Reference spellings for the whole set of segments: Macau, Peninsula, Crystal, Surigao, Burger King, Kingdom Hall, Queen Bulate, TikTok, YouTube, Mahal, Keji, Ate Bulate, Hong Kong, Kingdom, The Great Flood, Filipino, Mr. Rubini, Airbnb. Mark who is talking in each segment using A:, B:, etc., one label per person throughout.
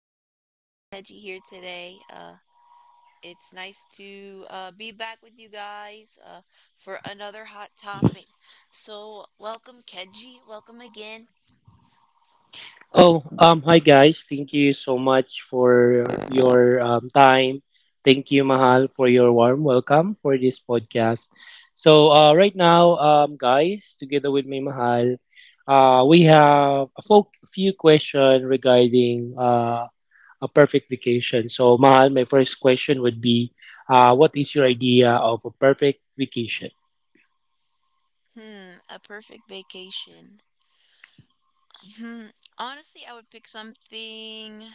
A: Crystal and Keji here today. It's nice to be back with you guys for another hot topic. So, welcome Keji. Welcome again.
B: Oh, Hi guys. Thank you so much for your time. Thank you, Mahal, for your warm welcome for this podcast. Right now, guys, together with me, Mahal, we have a few questions regarding a perfect vacation. So, Mahal, my first question would be, what is your idea of a perfect vacation?
A: Hmm, a perfect vacation. Hmm, honestly, I would pick something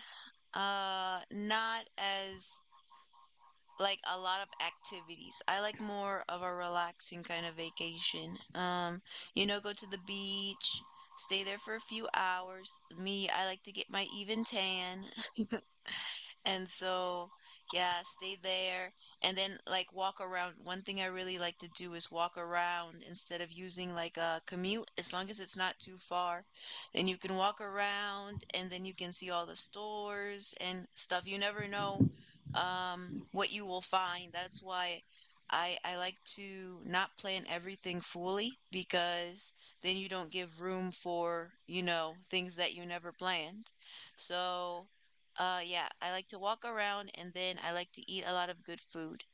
A: not as like a lot of activities. I like more of a relaxing kind of vacation. Go to the beach, stay there for a few hours. Me, I like to get my even tan. And so, yeah, stay there and then like walk around. One thing I really like to do is walk around instead of using like a commute, as long as it's not too far. Then you can walk around and then you can see all the stores and stuff. You never know what you will find. That's why I like to not plan everything fully because then you don't give room for, you know, things that you never planned. So, yeah, I like to walk around and then I like to eat a lot of good food.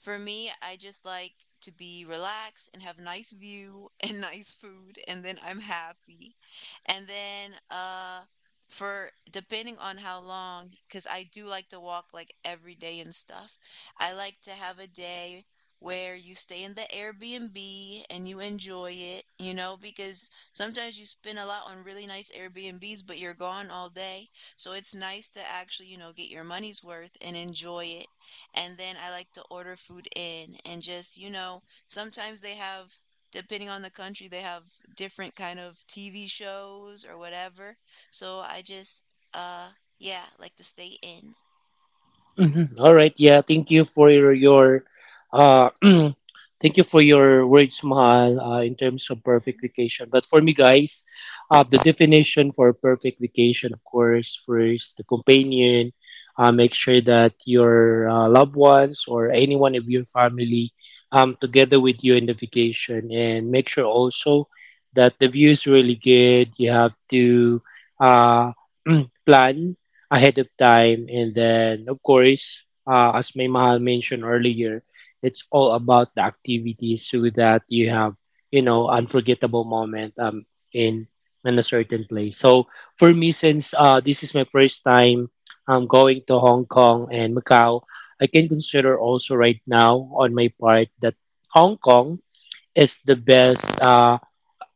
A: For me, I just like to be relaxed and have nice view and nice food, and then I'm happy. And then, for depending on how long, because I do like to walk like every day and stuff, I like to have a day where you stay in the Airbnb and you enjoy it, you know, because sometimes you spend a lot on really nice Airbnbs, but you're gone all day, so it's nice to actually, you know, get your money's worth and enjoy it. And then I like to order food in and just, you know, sometimes they have, depending on the country, they have different kind of TV shows or whatever. So I just, uh, yeah, like to stay in.
B: Mhm. All right. Yeah. Thank you for your uh, thank you for your words, Mahal, in terms of perfect vacation. But for me, guys, the definition for perfect vacation, of course, first the companion. Make sure that your loved ones or anyone of your family together with you in the vacation, and make sure also that the view is really good. You have to uh, plan ahead of time. And then, of course, as May Mahal mentioned earlier, it's all about the activities so that you have, you know, unforgettable moment in in a certain place. So for me, since this is my first time going to Hong Kong and Macau, I can consider also right now on my part that Hong Kong is the best.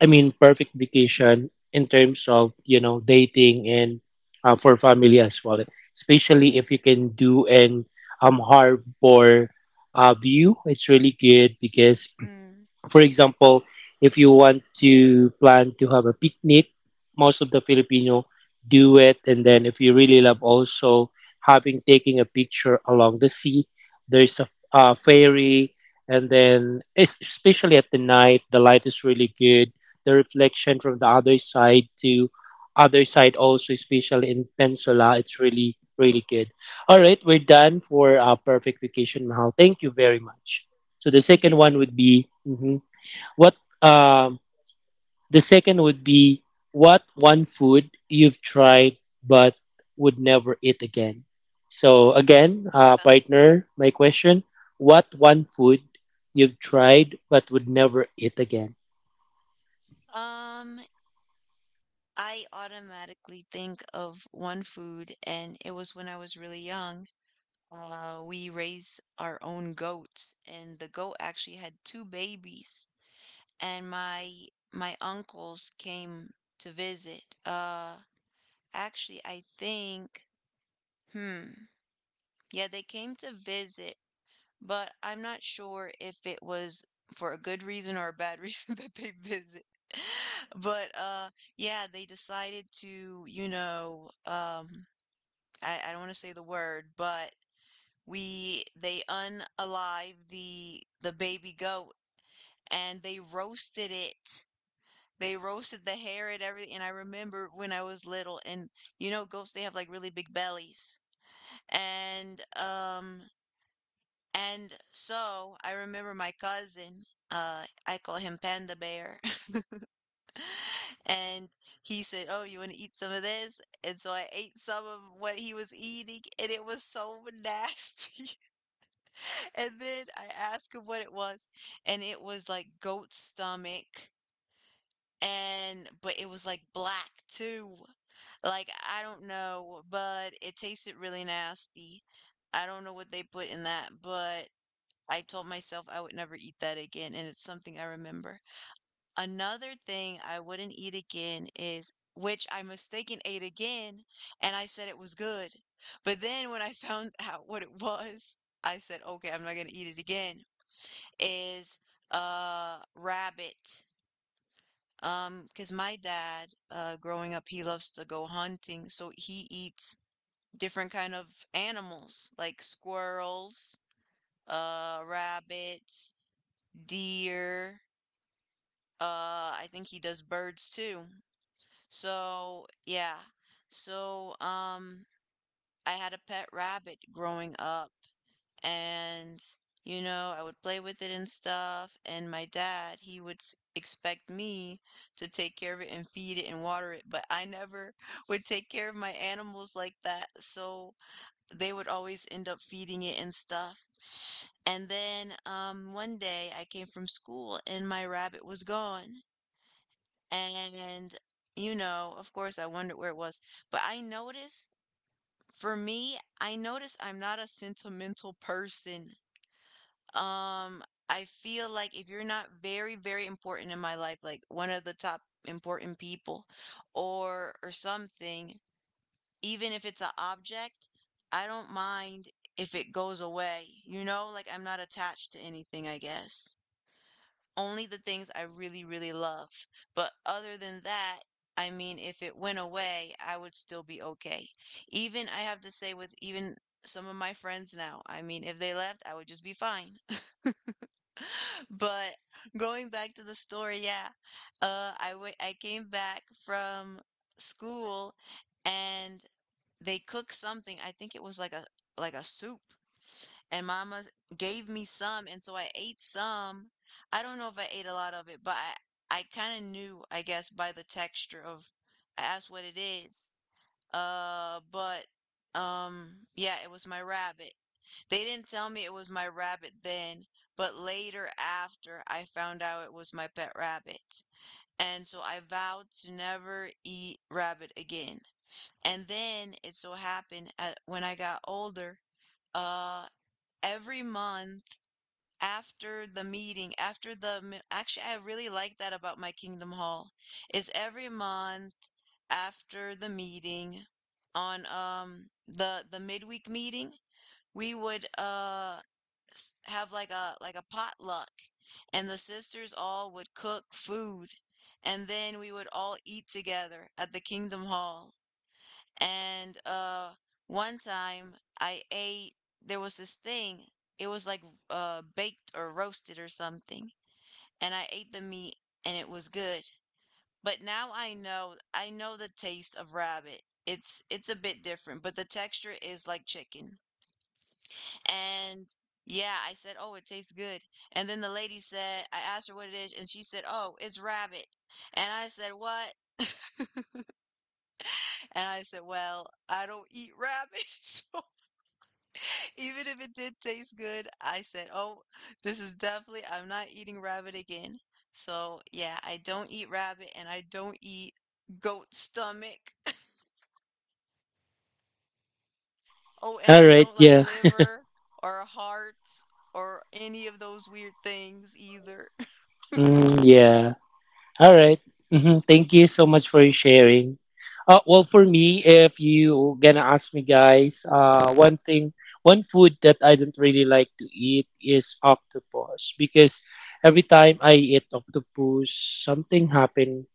B: I mean, perfect vacation in terms of, you know, dating and for family as well. Especially if you can do an harbor view, it's really good because
A: Mm.
B: for example, if you want to plan to have a picnic, most of the Filipino do it. And then if you really love also having taking a picture along the sea, there's a ferry. And then especially at the night, the light is really good. The reflection from the other side to other side also, especially in Peninsula, it's really, really good. All right, we're done for our perfect vacation, Mahal. Thank you very much. So the second one would be mhm. What The second would be what one food you've tried but would never eat again. So again,
A: Uh,
B: partner, my question: What one food you've tried but would never eat again?
A: Um, I automatically think of one food, and it was when I was really young. We raised our own goats, and the goat actually had two babies. And my uncles came to visit. Actually, I think, hmm, yeah, they came to visit, but I'm not sure if it was for a good reason or a bad reason that they visit. But yeah, they decided to, you know, I don't want to say the word, but we they unalive the baby goat and they roasted it. They roasted the hair and everything. And I remember when I was little, and you know, goats they have like really big bellies. And um and so I remember my cousin, I call him Panda Bear. And he said, "Oh, you want to eat some of this?" And so I ate some of what he was eating, and it was so nasty. And then I asked him what it was, and it was like goat stomach, and but it was like black too. Like I don't know, but it tasted really nasty. I don't know what they put in that, but I told myself I would never eat that again, and it's something I remember. Another thing I wouldn't eat again is which I mistaken ate again, and I said it was good. But then when I found out what it was, I said, okay, I'm not gonna eat it again is rabbit. Because my dad, growing up, he loves to go hunting, so he eats different kind of animals like squirrels, rabbits, deer. I think he does birds too. So yeah, so I had a pet rabbit growing up, and you know, I would play with it and stuff, and my dad he would expect me to take care of it and feed it and water it, but I never would take care of my animals like that, so they would always end up feeding it and stuff. And then one day I came from school and my rabbit was gone. And you know, of course I wondered where it was, but I noticed, for me I noticed, I'm not a sentimental person. Um, I feel like if you're not very, very important in my life, like one of the top important people, or something, even if it's an object, I don't mind if it goes away. You know, like I'm not attached to anything, I guess. Only the things I really, really love. But other than that, I mean, if it went away, I would still be okay. Even I have to say with even some of my friends now, I mean, if they left, I would just be fine. But going back to the story, yeah, I came back from school, and they cooked something. I think it was like a soup, and Mama gave me some, and so I ate some. I don't know if I ate a lot of it, but I kind of knew, I guess, by the texture of, I asked what it is. But Yeah, it was my rabbit. They didn't tell me it was my rabbit then, but later after I found out it was my pet rabbit. And so I vowed to never eat rabbit again. And then it so happened at, when I got older, uh, every month after the meeting, after the, actually, I really like that about my Kingdom Hall, is every month after the meeting on the midweek meeting, we would have like a potluck, and the sisters all would cook food and then we would all eat together at the Kingdom Hall. And one time I ate, there was this thing. It was like baked or roasted or something. And I ate the meat and it was good. But now I know, I know the taste of rabbit. It's a bit different, but the texture is like chicken. And yeah, I said, "Oh, it tastes good." And then the lady said, I asked her what it is, and she said, "Oh, it's rabbit." And I said, "What?" And I said, "Well, I don't eat rabbit." So even if it did taste good, I said, "Oh, this is definitely, I'm not eating rabbit again." So yeah, I don't eat rabbit and I don't eat goat stomach. Oh, and
B: All
A: I
B: right,
A: don't like
B: yeah,
A: liver or hearts or any of those weird things either.
B: mm, yeah. All right. Mm-hmm. Thank you so much for sharing. Well, for me, if you gonna ask me, guys, one thing, one food that I don't really like to eat is octopus because every time I eat octopus, something happened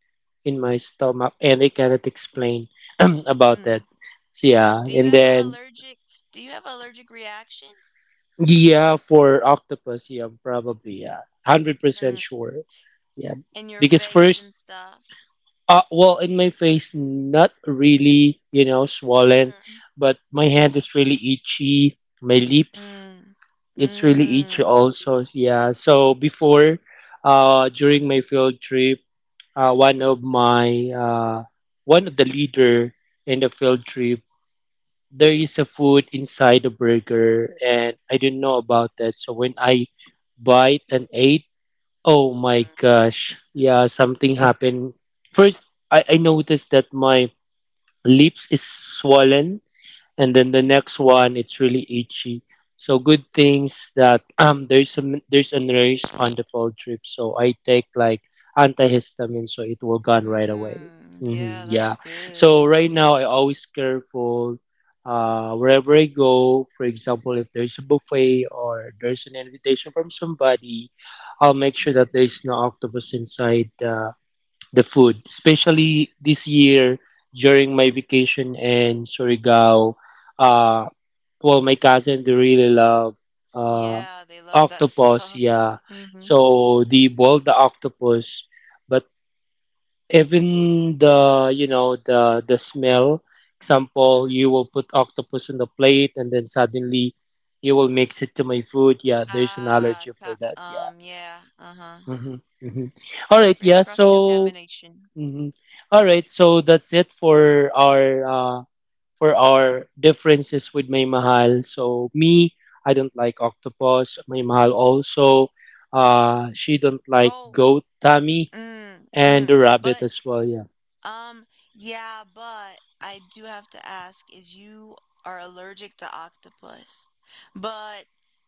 B: in my stomach and I cannot explain about that.
A: Mm.
B: So yeah,
A: Do you
B: and
A: have a
B: then
A: allergic, do you have allergic reaction?
B: yeah, for octopus, yeah, probably yeah, 100%
A: Mm,
B: sure. Yeah,
A: in your
B: because
A: face
B: first
A: and stuff?
B: Well, in my face, not really, you know, swollen,
A: Mm,
B: but my
A: mm,
B: hand is really itchy. My lips,
A: mm,
B: it's really itchy
A: mm,
B: also. Yeah. So before, during my field trip, uh, one of my, uh, one of the leader in the field trip, there is a food inside the burger, and I didn't know about that. So when I bite and ate, oh my gosh. Yeah, something happened. First, I noticed that my lips is swollen and then the
A: mm-hmm,
B: next one it's really itchy so good things that there's a there's a nurse on the fall trip so I take like antihistamine so it will gone right away.
A: mm.
B: Hmm,
A: Yeah,
B: yeah.
A: that's good.
B: So right now I always careful wherever I go, for example if there's a buffet or there's an invitation from somebody, I'll make sure that
A: Mm-hmm.
B: there's no octopus inside the food, especially this year during my vacation in Surigao. Uh, well, my cousin they really love uh,
A: Yeah, they love that
B: octopus.
A: stuff.
B: Yeah,
A: Mm-hmm.
B: so they boil the octopus, but even the you know the smell. Example, you will put octopus on the plate, and then suddenly you will mix it to my food. Yeah, there's an
A: Ah,
B: allergy for
A: ca
B: that. Yeah.
A: Yeah, uh-huh.
B: Hmm, hmm. All right. Yeah.
A: Crisscross
B: So.
A: contamination.
B: Mm-hmm. All right, so that's it for our differences with May Mahal. So me, I don't like octopus. May Mahal also. She don't like
A: Oh,
B: goat. Tammy
A: mm,
B: and
A: mm.
B: the rabbit
A: But
B: as well. Yeah.
A: um, yeah, but I do have to ask is you are allergic to octopus. But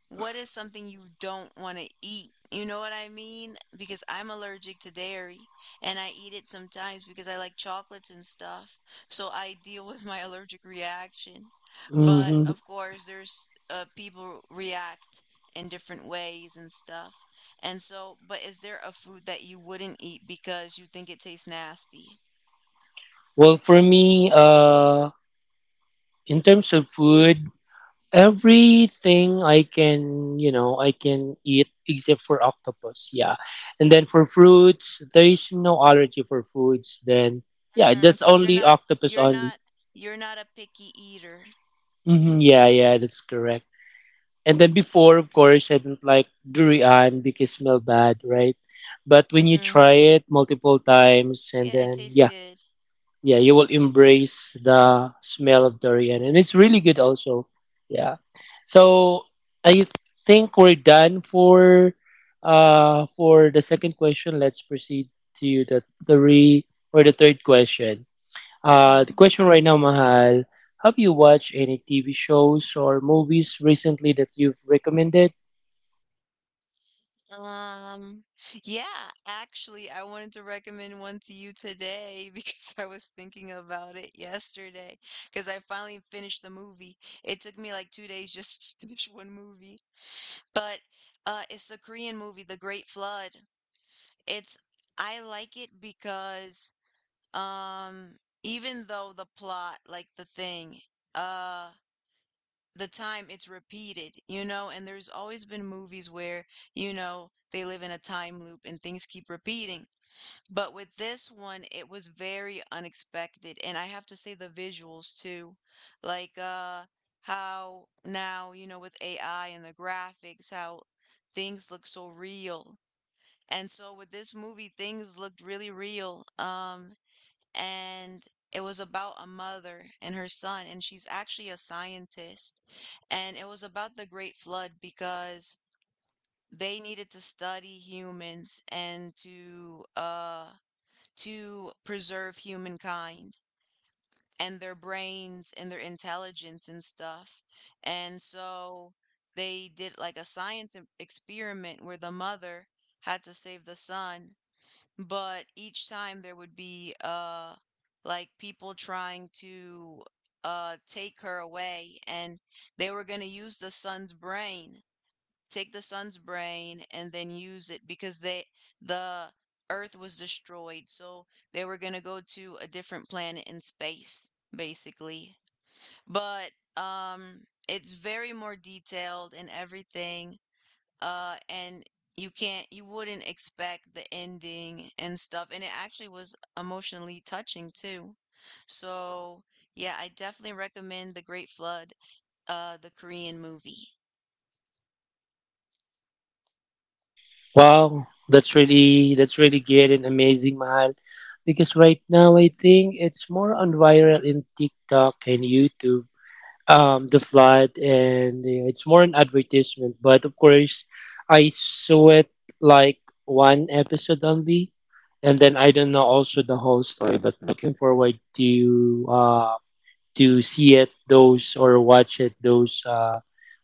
A: what is something you don't want to eat? You know what I mean? Because I'm allergic to dairy and I eat it sometimes because I like chocolates and stuff. So I deal with my allergic reaction. But
B: Mm-hmm.
A: of course, there's people react in different ways and stuff. And so, but is there a food that you wouldn't eat because you think it tastes nasty?
B: Well, for me, in terms of food, everything I can, you know, I can eat except for octopus. Yeah. And then for fruits, there is no allergy for foods. Then, yeah,
A: Mm,
B: that's
A: so you're
B: only
A: not,
B: octopus
A: you're
B: only.
A: not you're not a picky eater.
B: Hmm, yeah, yeah, that's correct. And then before, of course, I didn't like durian because smell bad, right? But when you
A: Mm-hmm.
B: try it multiple times and
A: Yeah, it
B: then,
A: tastes
B: yeah,
A: good.
B: yeah, you will embrace the smell of durian and it's really good also. Yeah. So I think we're done for the second question. Let's proceed to the three or the third question. The
A: Mm-hmm.
B: question right now, Mahal, have you watched any TV shows or movies recently that you've recommended?
A: Um, yeah, actually, I wanted to recommend one to you today because I was thinking about it yesterday because I finally finished the movie. It took me like 2 days just to finish one movie, but it's a Korean movie, The Great Flood. It's, I like it because um, even though the plot, like the thing, uh the time it's repeated, you know, and there's always been movies where, you know, they live in a time loop and things keep repeating. But with this one, it was very unexpected. And I have to say the visuals too. Like how now, you know, with AI and the graphics, how things look so real. And so with this movie, things looked really real. And It was about a mother and her son, and she's actually a scientist. And it was about the Great Flood because they needed to study humans and to preserve humankind and their brains and their intelligence and stuff. And so they did like a science experiment where the mother had to save the son, but each time there would be like people trying to take her away, and they were going to use the son's brain, take the son's brain and then use it because the earth was destroyed, so they were going to go to a different planet in space basically. But um it's very more detailed and everything. And you wouldn't expect the ending and stuff, and it actually was emotionally touching too. So yeah, I definitely recommend The Great Flood, the Korean movie.
B: Wow, that's really good and amazing, Mahal. Because right now I think it's more on viral in TikTok and YouTube. The flood and you know, it's more an advertisement. But of course, I saw it like one episode only, and then I don't know also the whole story. But looking forward to see it those or watch it those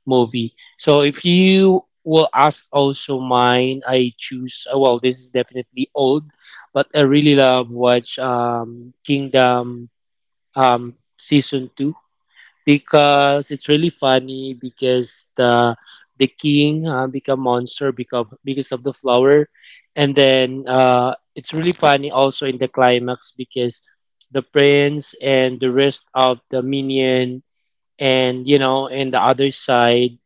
B: movie. So if you will ask also mine, I choose well this is definitely old, but I really love watch Kingdom season 2 because it's really funny because the king become monster because of the flower and then it's really funny also in the climax because the prince and the rest of the minion and you know and the other side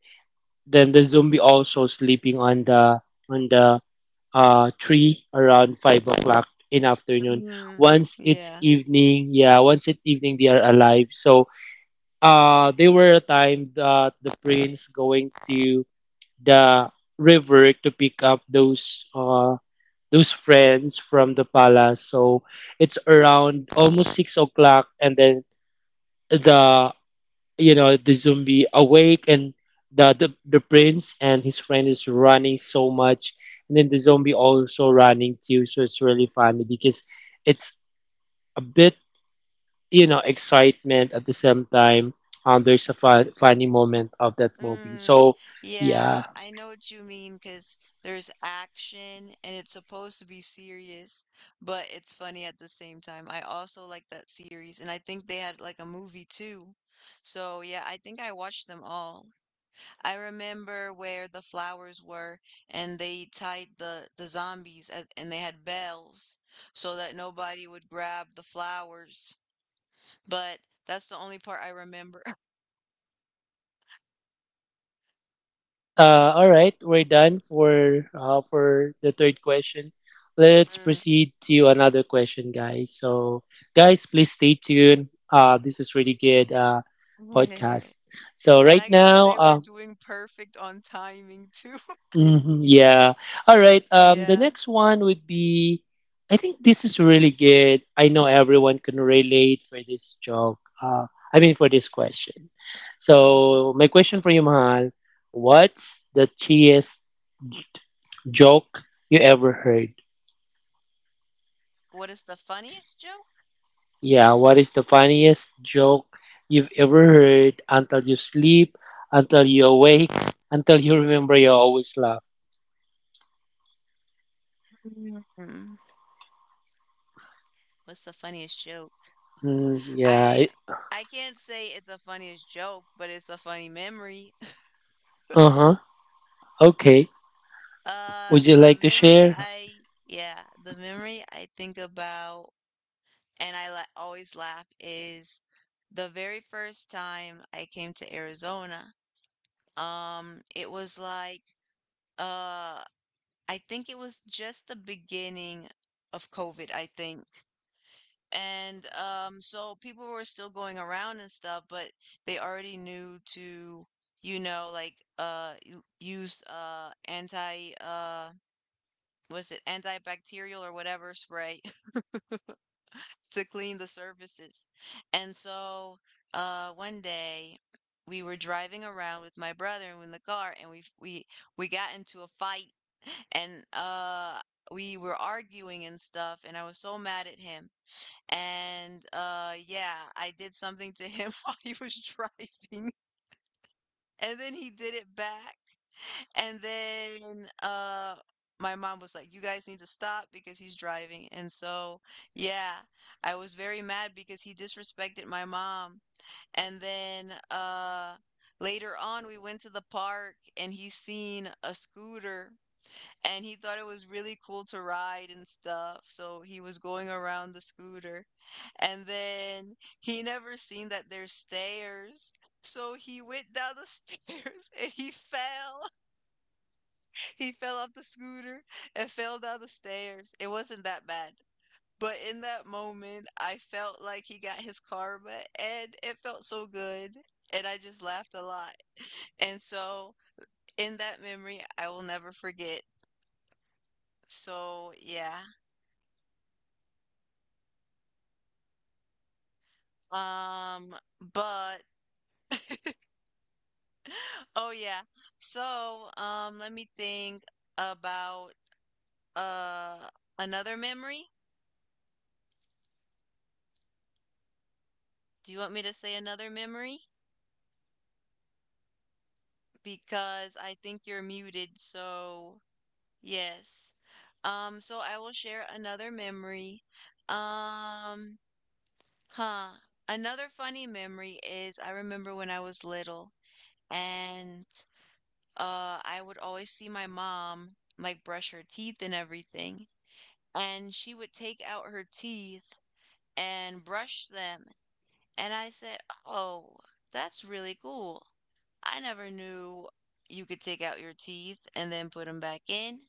B: then the zombie also sleeping on the tree around 5 o'clock in afternoon.
A: Mm,
B: Once it's
A: yeah.
B: evening, yeah, once it's evening they are alive. So they were a time that the prince going to the river to pick up those friends from the palace, so it's around almost 6 o'clock and then the you know the zombie awake and the prince and his friend is running so much and then the zombie also running too. So it's really funny because it's a bit you know excitement at the same time. There's a funny moment of that movie.
A: Mm,
B: So yeah.
A: yeah, I know what you mean because there's action and it's supposed to be serious, but it's funny at the same time. I also like that series, and I think they had like a movie too. So, yeah, I think I watched them all. I remember where the flowers were, and they tied the zombies as and they had bells so that nobody would grab the flowers. But that's the only part I remember.
B: All right, we're done for the third question. Let's proceed to another question guys. So guys please stay tuned, this is really good podcast.
A: Mm.
B: So
A: And
B: right
A: I gotta
B: now
A: say, we're doing perfect on timing too.
B: yeah. All right. The
A: Yeah.
B: next one would be, I think this is really good. I know everyone can relate for this joke. I mean for this question. So my question for you, Mahal, what's the cheesiest joke you ever heard?
A: What is the funniest joke?
B: Yeah. What is the funniest joke you've ever heard until you sleep, until you awake, until you remember you always laugh?
A: Mm. What's the funniest joke?
B: Mm, yeah.
A: I I can't say it's a funniest joke, but it's a funny memory.
B: Uh huh. Okay.
A: Uh,
B: Would you
A: the
B: like to
A: memory
B: share?
A: I, yeah, the memory I think about and I la always laugh is the very first time I came to Arizona. It was like, uh, I think it was just the beginning of COVID, I think. And so people were still going around and stuff, but they already knew to, you know, like use anti was it antibacterial or whatever spray to clean the surfaces. And so one day we were driving around with my brother in the car, and we got into a fight, and we were arguing and stuff, and I was so mad at him. And yeah, I did something to him while he was driving, and then he did it back. And then my mom was like, "You guys need to stop because he's driving." And so, yeah, I was very mad because he disrespected my mom. And then later on we went to the park and he seen a scooter and he thought it was really cool to ride and stuff. So he was going around the scooter. And then he never seen that there's stairs. So he went down the stairs and he fell. He fell off the scooter and fell down the stairs. It wasn't that bad. But in that moment, I felt like he got his karma and it felt so good. And I just laughed a lot. And so, in that memory, I will never forget. So, yeah. But, oh, yeah. So, let me think about uh another memory. Do you want me to say another memory? Because I think you're muted, so Yes. So I will share another memory. Um, huh. Another funny memory is I remember when I was little and I would always see my mom like brush her teeth and everything. And she would take out her teeth and brush them. And I said, "Oh, that's really cool. I never knew you could take out your teeth and then put them back in."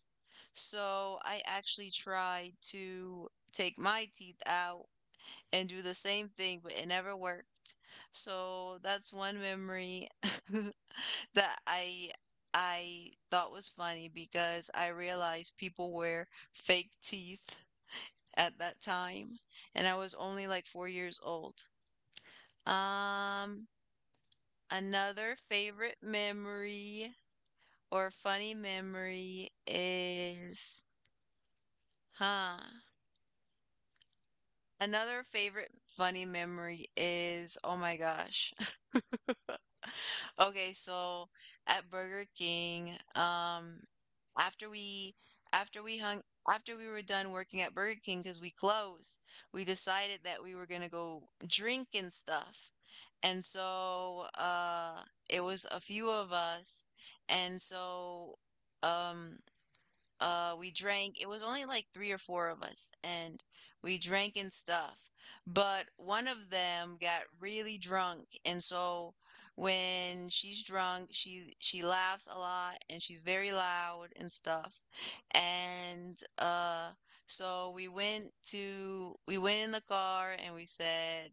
A: So I actually tried to take my teeth out and do the same thing, but it never worked. So that's one memory that I thought was funny because I realized people wear fake teeth at that time, and I was only like 4 years old. Um, another favorite memory or funny memory is, huh? Another favorite funny memory is, oh my gosh. Okay, so at Burger King, after we after we hung after we were done working at Burger King because we closed, we decided that we were gonna go drink and stuff. And so it was a few of us, and so um we drank, it was only like three or four of us, and we drank and stuff, but one of them got really drunk. And so when she's drunk, she laughs a lot and she's very loud and stuff. And so we went in the car and we said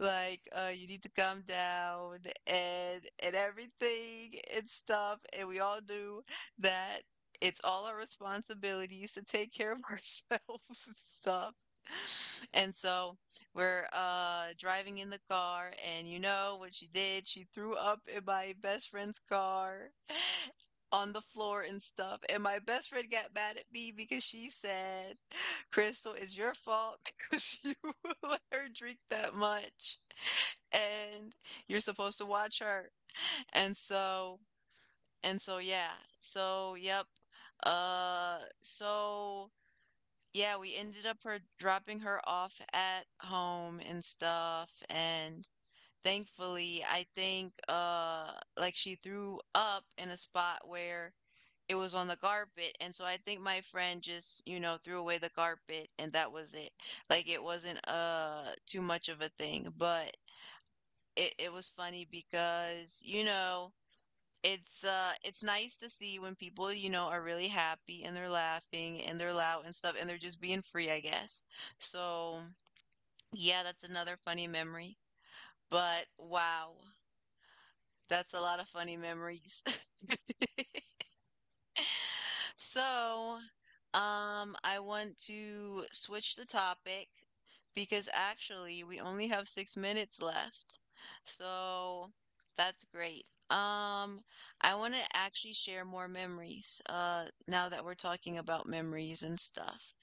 A: like you need to calm down and everything and stuff. And we all knew that it's all our responsibilities to take care of ourselves and stuff. And so we're driving in the car, and you know what she did? She threw up in my best friend's car on the floor and stuff. And my best friend got mad at me because she said, Crystal, it's your fault because you let her drink that much and you're supposed to watch her. And so, yeah. So, yep. Uh, so yeah, we ended up her dropping her off at home and stuff, and thankfully, I think like she threw up in a spot where it was on the carpet, and so I think my friend just, you know, threw away the carpet, and that was it. Like it wasn't too much of a thing, but it was funny because, you know, it's nice to see when people, you know, are really happy and they're laughing and they're loud and stuff and they're just being free, I guess. So, yeah, that's another funny memory. But wow, that's a lot of funny memories. So, I want to switch the topic because actually we only have 6 minutes left. So that's great. I want to actually share more memories, now that we're talking about memories and stuff.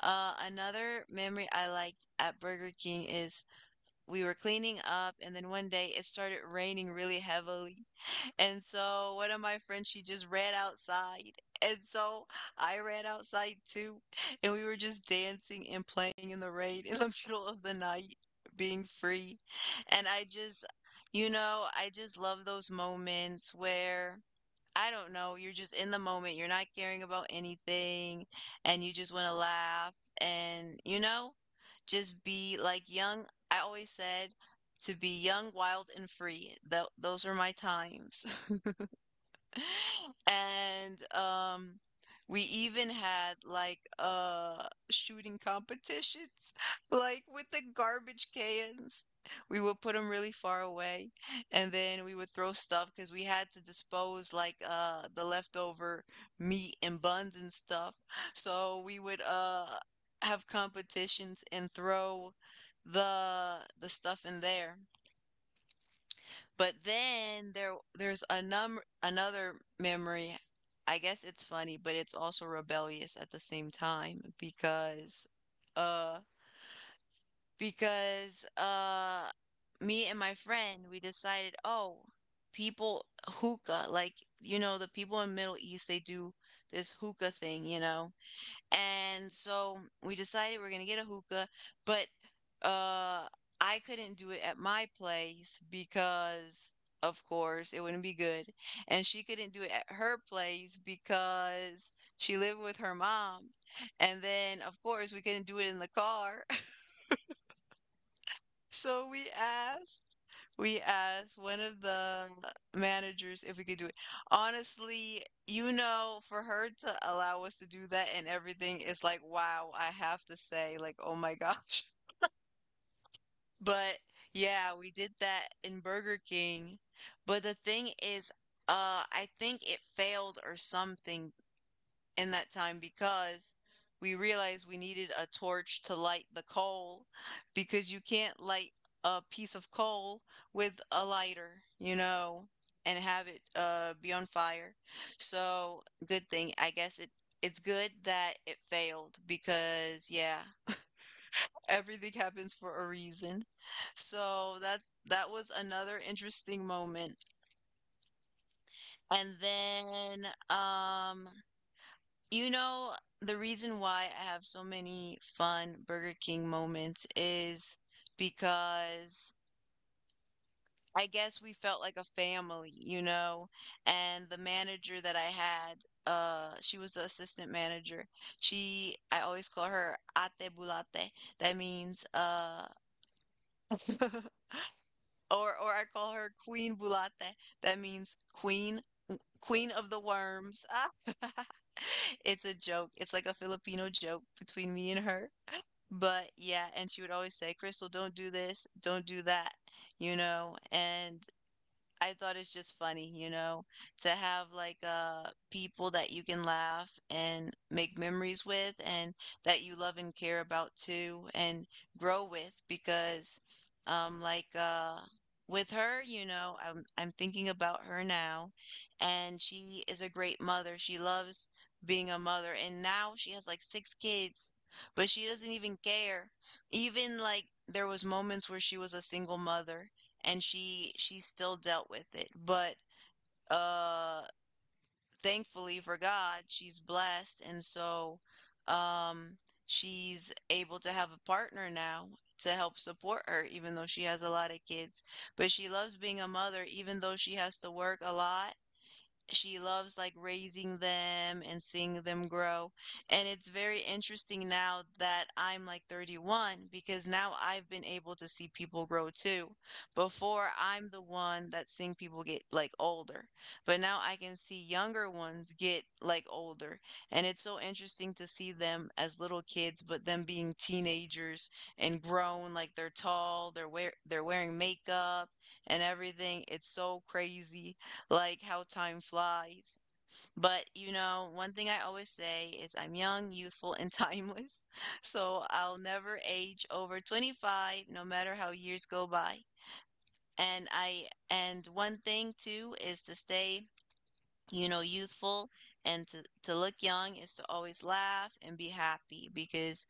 A: Another memory I liked at Burger King is we were cleaning up, and then one day it started raining really heavily. And so one of my friends, she just ran outside. And so I ran outside too. And we were just dancing and playing in the rain in the middle of the night, being free. And I just, you know, I just love those moments where, I don't know, you're just in the moment. You're not caring about anything. And you just want to laugh and, you know, just be like young. I always said, to be young, wild, and free. Those were my times. And we even had like shooting competitions like with the garbage cans. We would put them really far away and then we would throw stuff because we had to dispose like the leftover meat and buns and stuff. So we would have competitions and throw the stuff in there. But then there there's a num another memory. I guess it's funny, but it's also rebellious at the same time because uh because uh me and my friend we decided, "Oh, people hookah, like you know, the people in Middle East they do this hookah thing, you know." And so we decided we're gonna get a hookah, but uh I couldn't do it at my place because of course it wouldn't be good. And she couldn't do it at her place because she lived with her mom. And then of course we couldn't do it in the car. So we asked one of the managers if we could do it. Honestly, you know, for her to allow us to do that and everything is like, wow, I have to say, like, oh my gosh. But yeah, we did that in Burger King. But the thing is, I think it failed or something in that time because we realized we needed a torch to light the coal because you can't light a piece of coal with a lighter, you know, and have it be on fire. So, good thing. I guess it's good that it failed because yeah, everything happens for a reason. So, that was another interesting moment. And then you know, the reason why I have so many fun Burger King moments is because I guess we felt like a family, you know? And the manager that I had, she was the assistant manager. I always call her Ate Bulate. That means, or or I call her Queen Bulate. That means queen, queen of the worms. Ah. It's a joke. It's like a Filipino joke between me and her. But yeah, and she would always say, "Crystal, don't do this, don't do that," you know. And I thought it's just funny, you know, to have like people that you can laugh and make memories with and that you love and care about too and grow with because um like uh with her, you know, I'm thinking about her now and she is a great mother. She loves being a mother and now she has like six kids, but she doesn't even care. Even like there was moments where she was a single mother and she still dealt with it. But uh thankfully for God, she's blessed. And so um she's able to have a partner now to help support her even though she has a lot of kids. But she loves being a mother even though she has to work a lot. She loves like raising them and seeing them grow. And it's very interesting now that I'm like 31 because now I've been able to see people grow too. Before, I'm the one that's seeing people get like older, but now I can see younger ones get like older. And it's so interesting to see them as little kids, but them being teenagers and grown, like they're tall, they're wearing makeup and everything. It's so crazy like how time flies. But you know, one thing I always say is I'm young, youthful, and timeless. So I'll never age over 25, no matter how years go by. And I and one thing too is to stay, you know, youthful and to look young is to always laugh and be happy because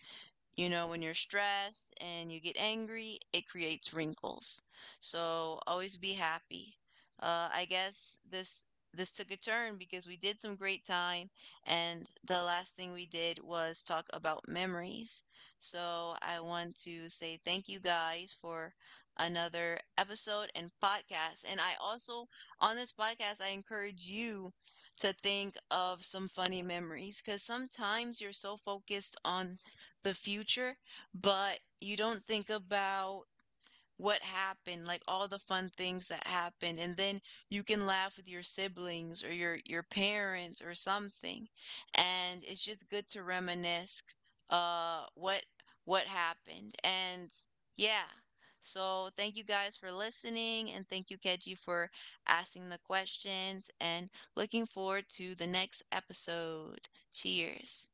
A: you know, when you're stressed and you get angry, it creates wrinkles. So always be happy. I guess this took a turn because we did some great time, and the last thing we did was talk about memories. So I want to say thank you guys for another episode and podcast. And I also on this podcast, I encourage you to think of some funny memories because sometimes you're so focused on the future, but you don't think about what happened, like all the fun things that happened, and then you can laugh with your siblings or your parents or something. And it's just good to reminisce uh what what happened. And yeah. So thank you guys for listening and thank you Keji for asking the questions and looking forward to the next episode. Cheers.